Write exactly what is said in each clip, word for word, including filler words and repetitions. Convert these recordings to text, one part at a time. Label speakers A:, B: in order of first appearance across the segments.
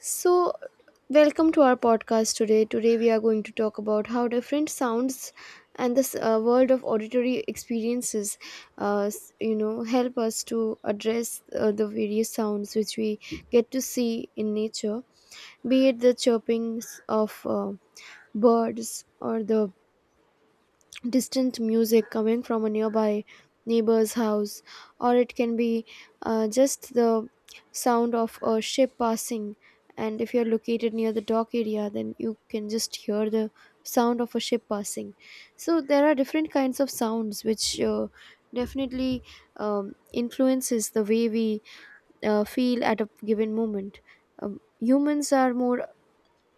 A: So, welcome to our podcast today. Today, we are going to talk about how different sounds and this uh, world of auditory experiences, uh, s- you know, help us to address uh, the various sounds which we get to see in nature, be it the chirpings of uh, birds or the distant music coming from a nearby neighbor's house, or it can be uh, just the sound of a ship passing. And if you're located near the dock area, then you can just hear the sound of a ship passing. So there are different kinds of sounds which uh, definitely um, influences the way we uh, feel at a given moment. Um, humans are more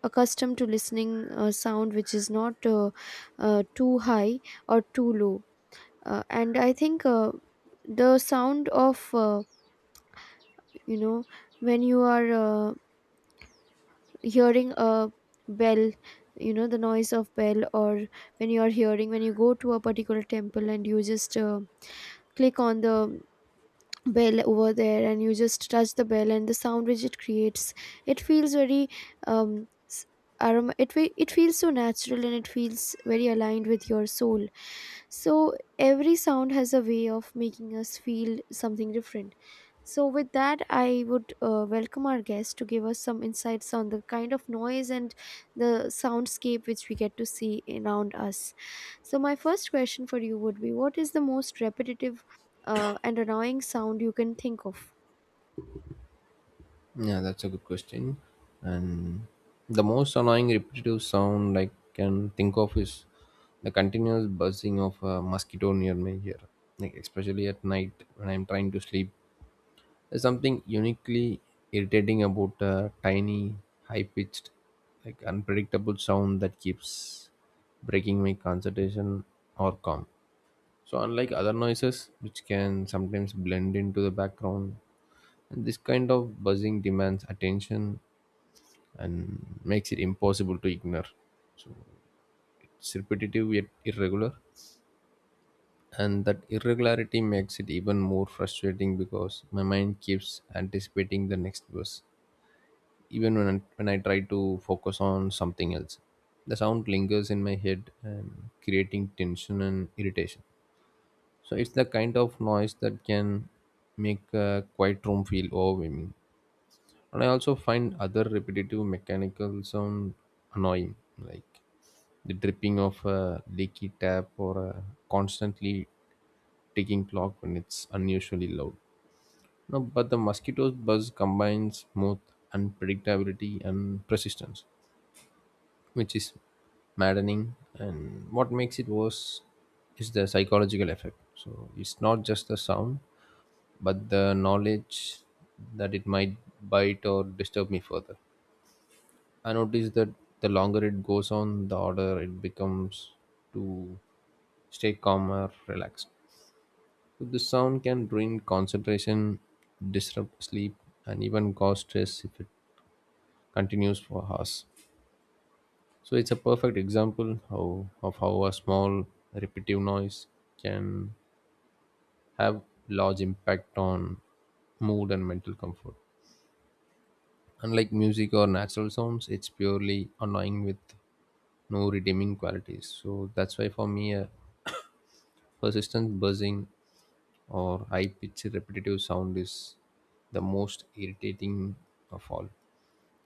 A: accustomed to listening uh, sound which is not uh, uh, too high or too low, uh, and i think, uh, the sound of, uh, you know when you are uh, hearing a bell, you know, the noise of bell, or when you are hearing, when you go to a particular temple and you just uh, click on the bell over there and you just touch the bell and the sound which it creates, it feels very um s- aroma, it fe- it feels so natural and it feels very aligned with your soul. So every sound has a way of making us feel something different. So with that i would uh, welcome our guest to give us some insights on the kind of noise and the soundscape which we get to see around us. So my first question for you would be: what is the most repetitive uh, and annoying sound you can think of?
B: Yeah, that's a good question. And the most annoying repetitive sound I can think of is the continuous buzzing of a mosquito near my ear, like especially at night when I'm trying to sleep. There's something uniquely irritating about a tiny, high-pitched, like unpredictable sound that keeps breaking my concentration or calm. So, unlike other noises, which can sometimes blend into the background, and this kind of buzzing demands attention and makes it impossible to ignore. It's repetitive yet irregular, and that irregularity makes it even more frustrating because my mind keeps anticipating the next verse, even when I, when I try to focus on something else. The sound lingers in my head and creating tension and irritation. So it's the kind of noise that can make a quiet room feel overwhelming. And I also find other repetitive mechanical sound annoying, like the dripping of a leaky tap or a constantly ticking clock when it's unusually loud. No, but the mosquito's buzz combines both unpredictability and persistence, which is maddening. And what makes it worse is the psychological effect. So it's not just the sound, but the knowledge that it might bite or disturb me further. I notice that the longer it goes on, the harder it becomes to stay calm or relaxed. So the sound can ruin concentration, disrupt sleep, and even cause stress if it continues for hours. So it's a perfect example how, of how a small repetitive noise can have large impact on mood and mental comfort. Unlike music or natural sounds, it's purely annoying with no redeeming qualities. So that's why for me, a persistent buzzing or high pitched repetitive sound is the most irritating of all.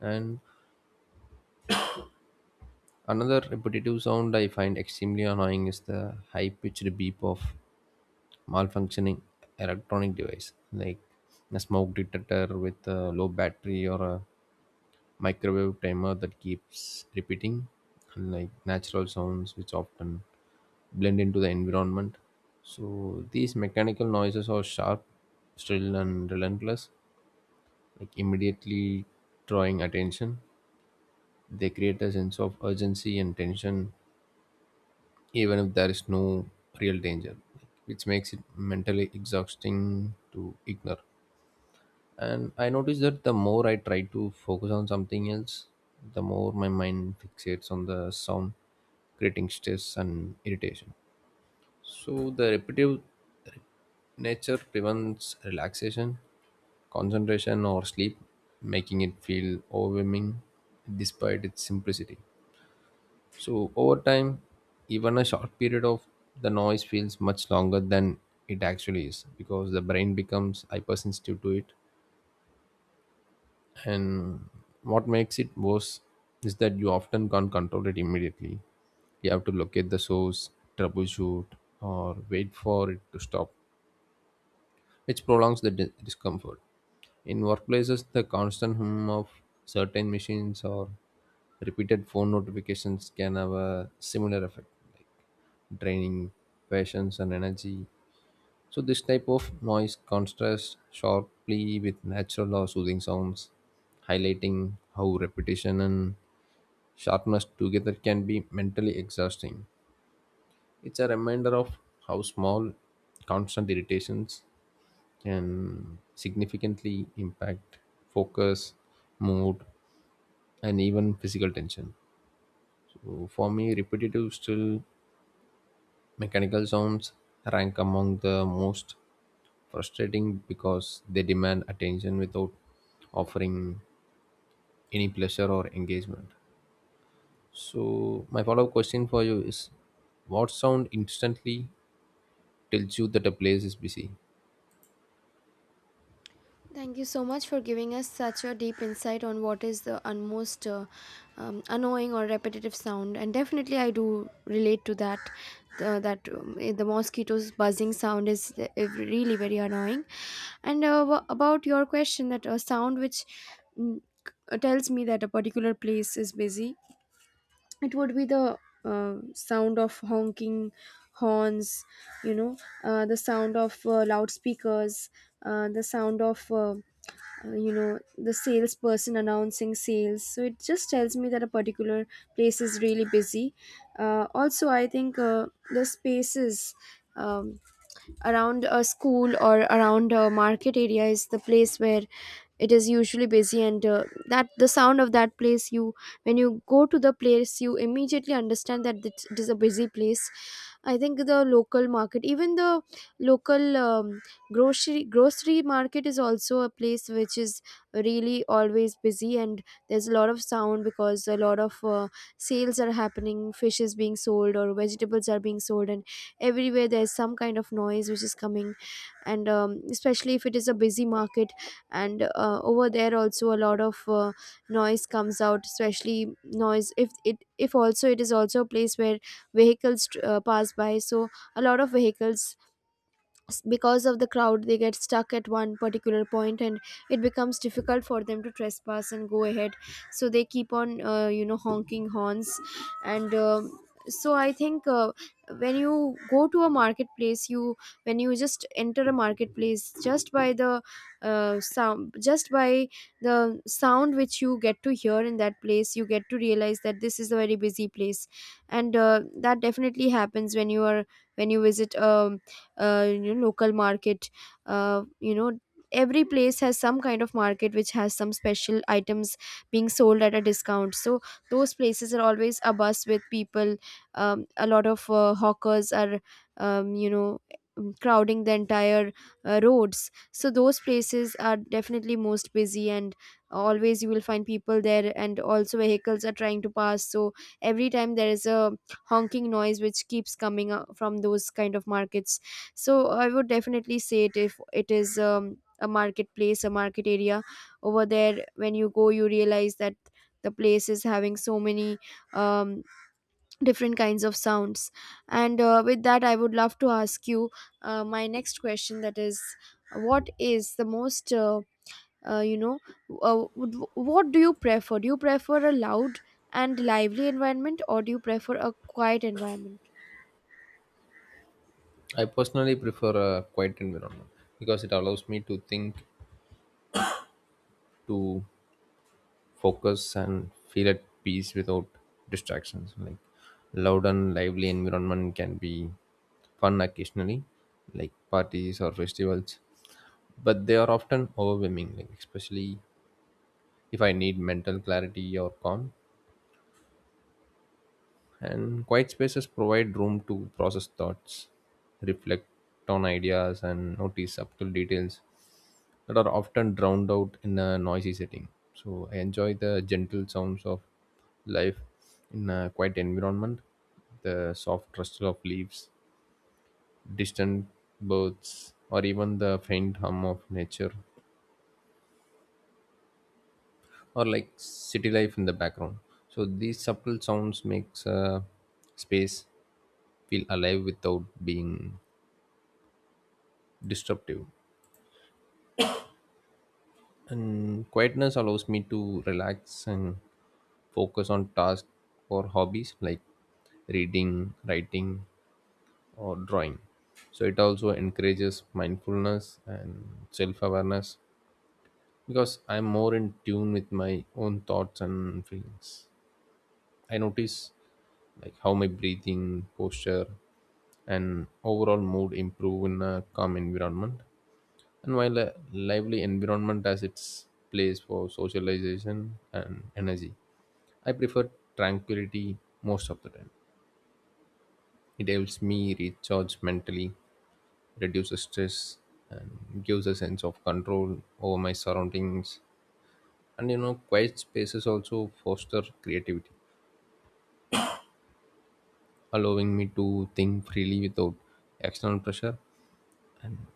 B: And another repetitive sound I find extremely annoying is the high pitched beep of malfunctioning electronic device, like a smoke detector with a low battery or a microwave timer that keeps repeating, unlike natural sounds which often blend into the environment. So these mechanical noises are sharp, shrill, and relentless, like immediately drawing attention. They create a sense of urgency and tension, even if there is no real danger, which makes it mentally exhausting to ignore. And I noticed that the more I try to focus on something else, the more my mind fixates on the sound, creating stress and irritation. So the repetitive nature prevents relaxation, concentration, or sleep, making it feel overwhelming despite its simplicity. So over time, even a short period of the noise feels much longer than it actually is because the brain becomes hypersensitive to it. And what makes it worse is that you often can't control it immediately. You have to locate the source, troubleshoot, or wait for it to stop, which prolongs the di- discomfort. In workplaces, the constant hum of certain machines or repeated phone notifications can have a similar effect, like draining patience and energy. So this type of noise contrasts sharply with natural or soothing sounds, highlighting how repetition and sharpness together can be mentally exhausting. It's a reminder of how small constant irritations can significantly impact focus, mood, and even physical tension. So for me, repetitive still mechanical sounds rank among the most frustrating because they demand attention without offering any pleasure or engagement. So, my follow up question for you is what sound instantly tells you that a place is busy?
A: Thank you so much for giving us such a deep insight on what is the most uh, um, annoying or repetitive sound. And definitely, I do relate to that. The, that um, eh, the mosquitoes buzzing sound is uh, really very annoying. And uh, wha- about your question, that a sound which mm, c- tells me that a particular place is busy, it would be the uh, sound of honking horns, you know, uh, the sound of uh, loudspeakers, uh, the sound of uh, uh, you know the salesperson announcing sales. So it just tells me that a particular place is really busy. Uh, also, i think, uh, the spaces um, around a school or around a market area is the place where it is usually busy, and uh, that the sound of that place, you, when you go to the place you immediately understand that it it is a busy place. I think the local market, even the local, um, grocery grocery market is also a place which is really always busy, and there's a lot of sound because a lot of uh, sales are happening, fish is being sold or vegetables are being sold, and everywhere there's some kind of noise which is coming. And um, especially if it is a busy market, and uh, over there also, a lot of uh, noise comes out, especially noise if it, if also, it is also a place where vehicles uh, pass by. So a lot of vehicles s- because of the crowd, they get stuck at one particular point, and it becomes difficult for them to trespass and go ahead, so they keep on uh, you know, honking horns. And um so i think, uh, when you go to a marketplace, you, when you just enter a marketplace, just by the uh, sound, just by the sound which you get to hear in that place, you get to realize that this is a very busy place. And uh, that definitely happens when you are, when you visit a, uh, you know, local market. Uh, you know every place has some kind of market which has some special items being sold at a discount, so those places are always a buzz with people. Um, a lot of uh, hawkers are, um, you know mm, crowding the entire uh, roads. So those places are definitely most busy, and always you will find people there, and also vehicles are trying to pass. So every time there is a honking noise which keeps coming uh, from those kind of markets. So i would definitely say, it, if it is um, a marketplace, a market area, over there, when you go you realize that the place is having so many um, different kinds of sounds. And uh, with that, i would love to ask you uh, my next question, that is, what is the most uh, uh, you know uh, would- what do you prefer? Do you prefer a loud and lively environment, or do you prefer a quiet environment?
B: I personally prefer a quiet environment because it allows me to think, to focus and feel at peace without distractions. Like loud and lively environment can be fun occasionally, like parties or festivals, but they are often overwhelming, like especially if I need mental clarity or calm. And quiet spaces provide room to process thoughts, reflect on ideas, and notice subtle details that are often drowned out in a noisy setting. So I enjoy the gentle sounds of life in a quiet environment, the soft rustle of leaves, distant birds, or even the faint hum of nature, or like city life in the background. So these subtle sounds makes a space feel alive without being disruptive. And quietness allows me to relax and focus on tasks or hobbies like reading, writing, or drawing. So it also encourages mindfulness and self awareness because I'm more in tune with my own thoughts and feelings. I notice like how my breathing, posture, and overall mood improve in a calm environment, and while a lively environment has its place for socialization and energy, I prefer tranquility most of the time. It helps me recharge mentally, reduces stress, and gives a sense of control over my surroundings. And you know, quiet spaces also foster creativity, allowing me to think freely without external pressure.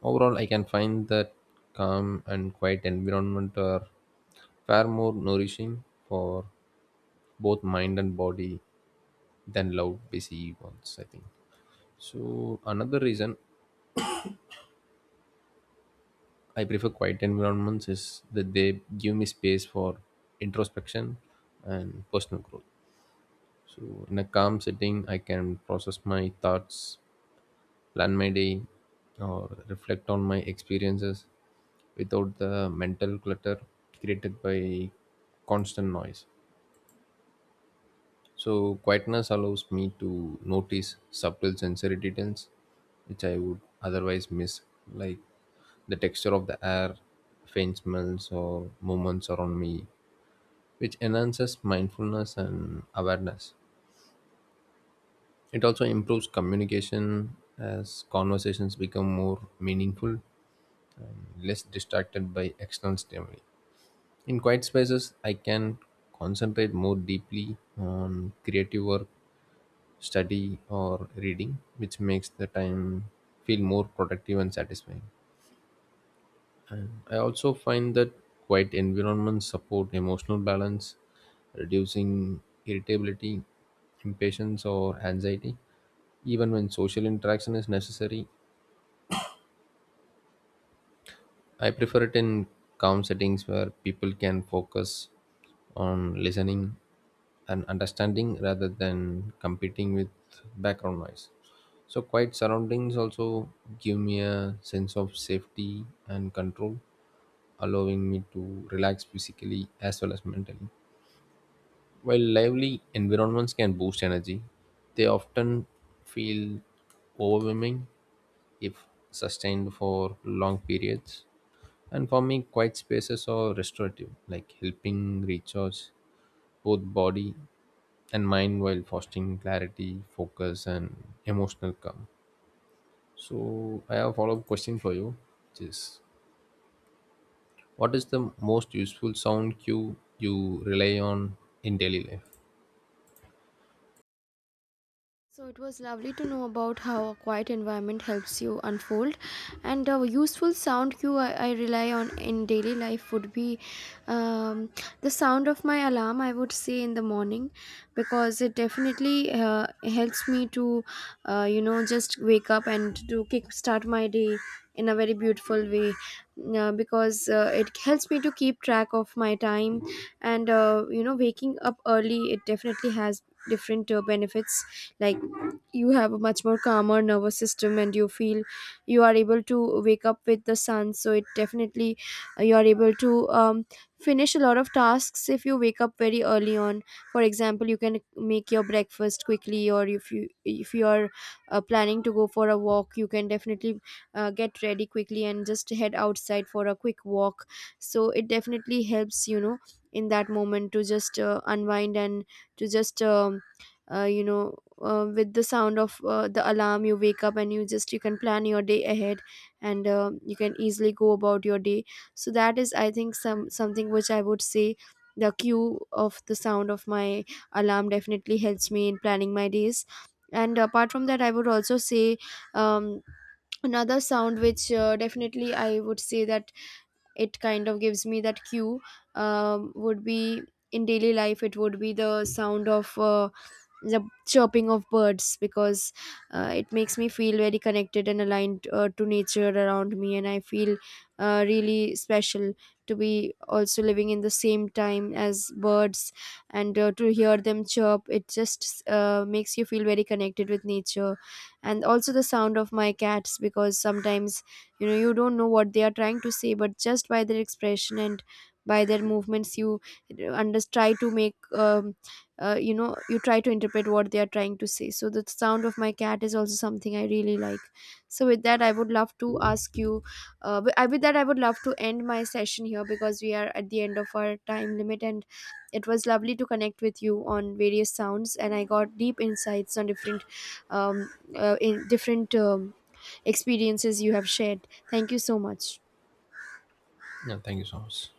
B: Overall, I can find that calm and quiet environment are far more nourishing for both mind and body than loud busy ones, I think. So another reason I prefer quiet environments is that they give me space for introspection and personal growth. So in a calm setting, I can process my thoughts, plan my day, or reflect on my experiences without the mental clutter created by constant noise. So, quietness allows me to notice subtle sensory details which I would otherwise miss, like the texture of the air, faint smells, or movements around me, which enhances mindfulness and awareness. It also improves communication as conversations become more meaningful and less distracted by external stimuli. In quiet spaces, I can concentrate more deeply on creative work, study, or reading, which makes the time feel more productive and satisfying. And I also find that quiet environments support emotional balance, reducing irritability, impatience, or anxiety. Even when social interaction is necessary, I prefer it in calm settings where people can focus on listening and understanding rather than competing with background noise. So, quiet surroundings also give me a sense of safety and control, allowing me to relax physically as well as mentally. While lively environments can boost energy, they often feel overwhelming if sustained for long periods, and for me, quiet spaces are restorative, like helping recharge both body and mind while fostering clarity, focus, and emotional calm. So, I have a follow up question for you, which is what is the most useful sound cue you rely on in daily life?
A: So it was lovely to know about how a quiet environment helps you unfold, and a useful sound cue I, I rely on in daily life would be, um, the sound of my alarm. I would say in the morning, because it definitely uh, helps me to, uh, you know, just wake up and to kick start my day in a very beautiful way. Uh, because uh, it helps me to keep track of my time, and uh, you know, waking up early, it definitely has different uh, benefits, like you have a much more calmer nervous system and you feel you are able to wake up with the sun. So it definitely, uh, you are able to um, finish a lot of tasks if you wake up very early on. For example, you can make your breakfast quickly, or if you, if you are uh, planning to go for a walk, you can definitely uh, get ready quickly and just head outside for a quick walk. So it definitely helps, you know, in that moment to just uh, unwind and to just um, uh, you know uh, with the sound of uh, the alarm, you wake up and you just, you can plan your day ahead, and uh, you can easily go about your day. So that is, i think, some something which i would say: the cue of the sound of my alarm definitely helps me in planning my days. And apart from that, i would also say, um, another sound which uh, definitely i would say that it kind of gives me that cue um, would be, in daily life, it would be the sound of uh, the chirping of birds, because uh, it makes me feel very connected and aligned uh, to nature around me, and i feel uh, really special to be also living in the same time as birds. And uh, to hear them chirp, it just uh, makes you feel very connected with nature. And also the sound of my cats, because sometimes, you know, you don't know what they are trying to say, but just by their expression and by their movements, you uh, under try to make, um, uh, you know you try to interpret what they are trying to say. So the sound of my cat is also something i really like. So with that, i would love to ask you, uh, wi- uh, with that i would love to end my session here, because we are at the end of our time limit, and it was lovely to connect with you on various sounds, and i got deep insights on different um, uh, in different um, experiences you have shared. Thank you so much.
B: Yeah, thank you so much.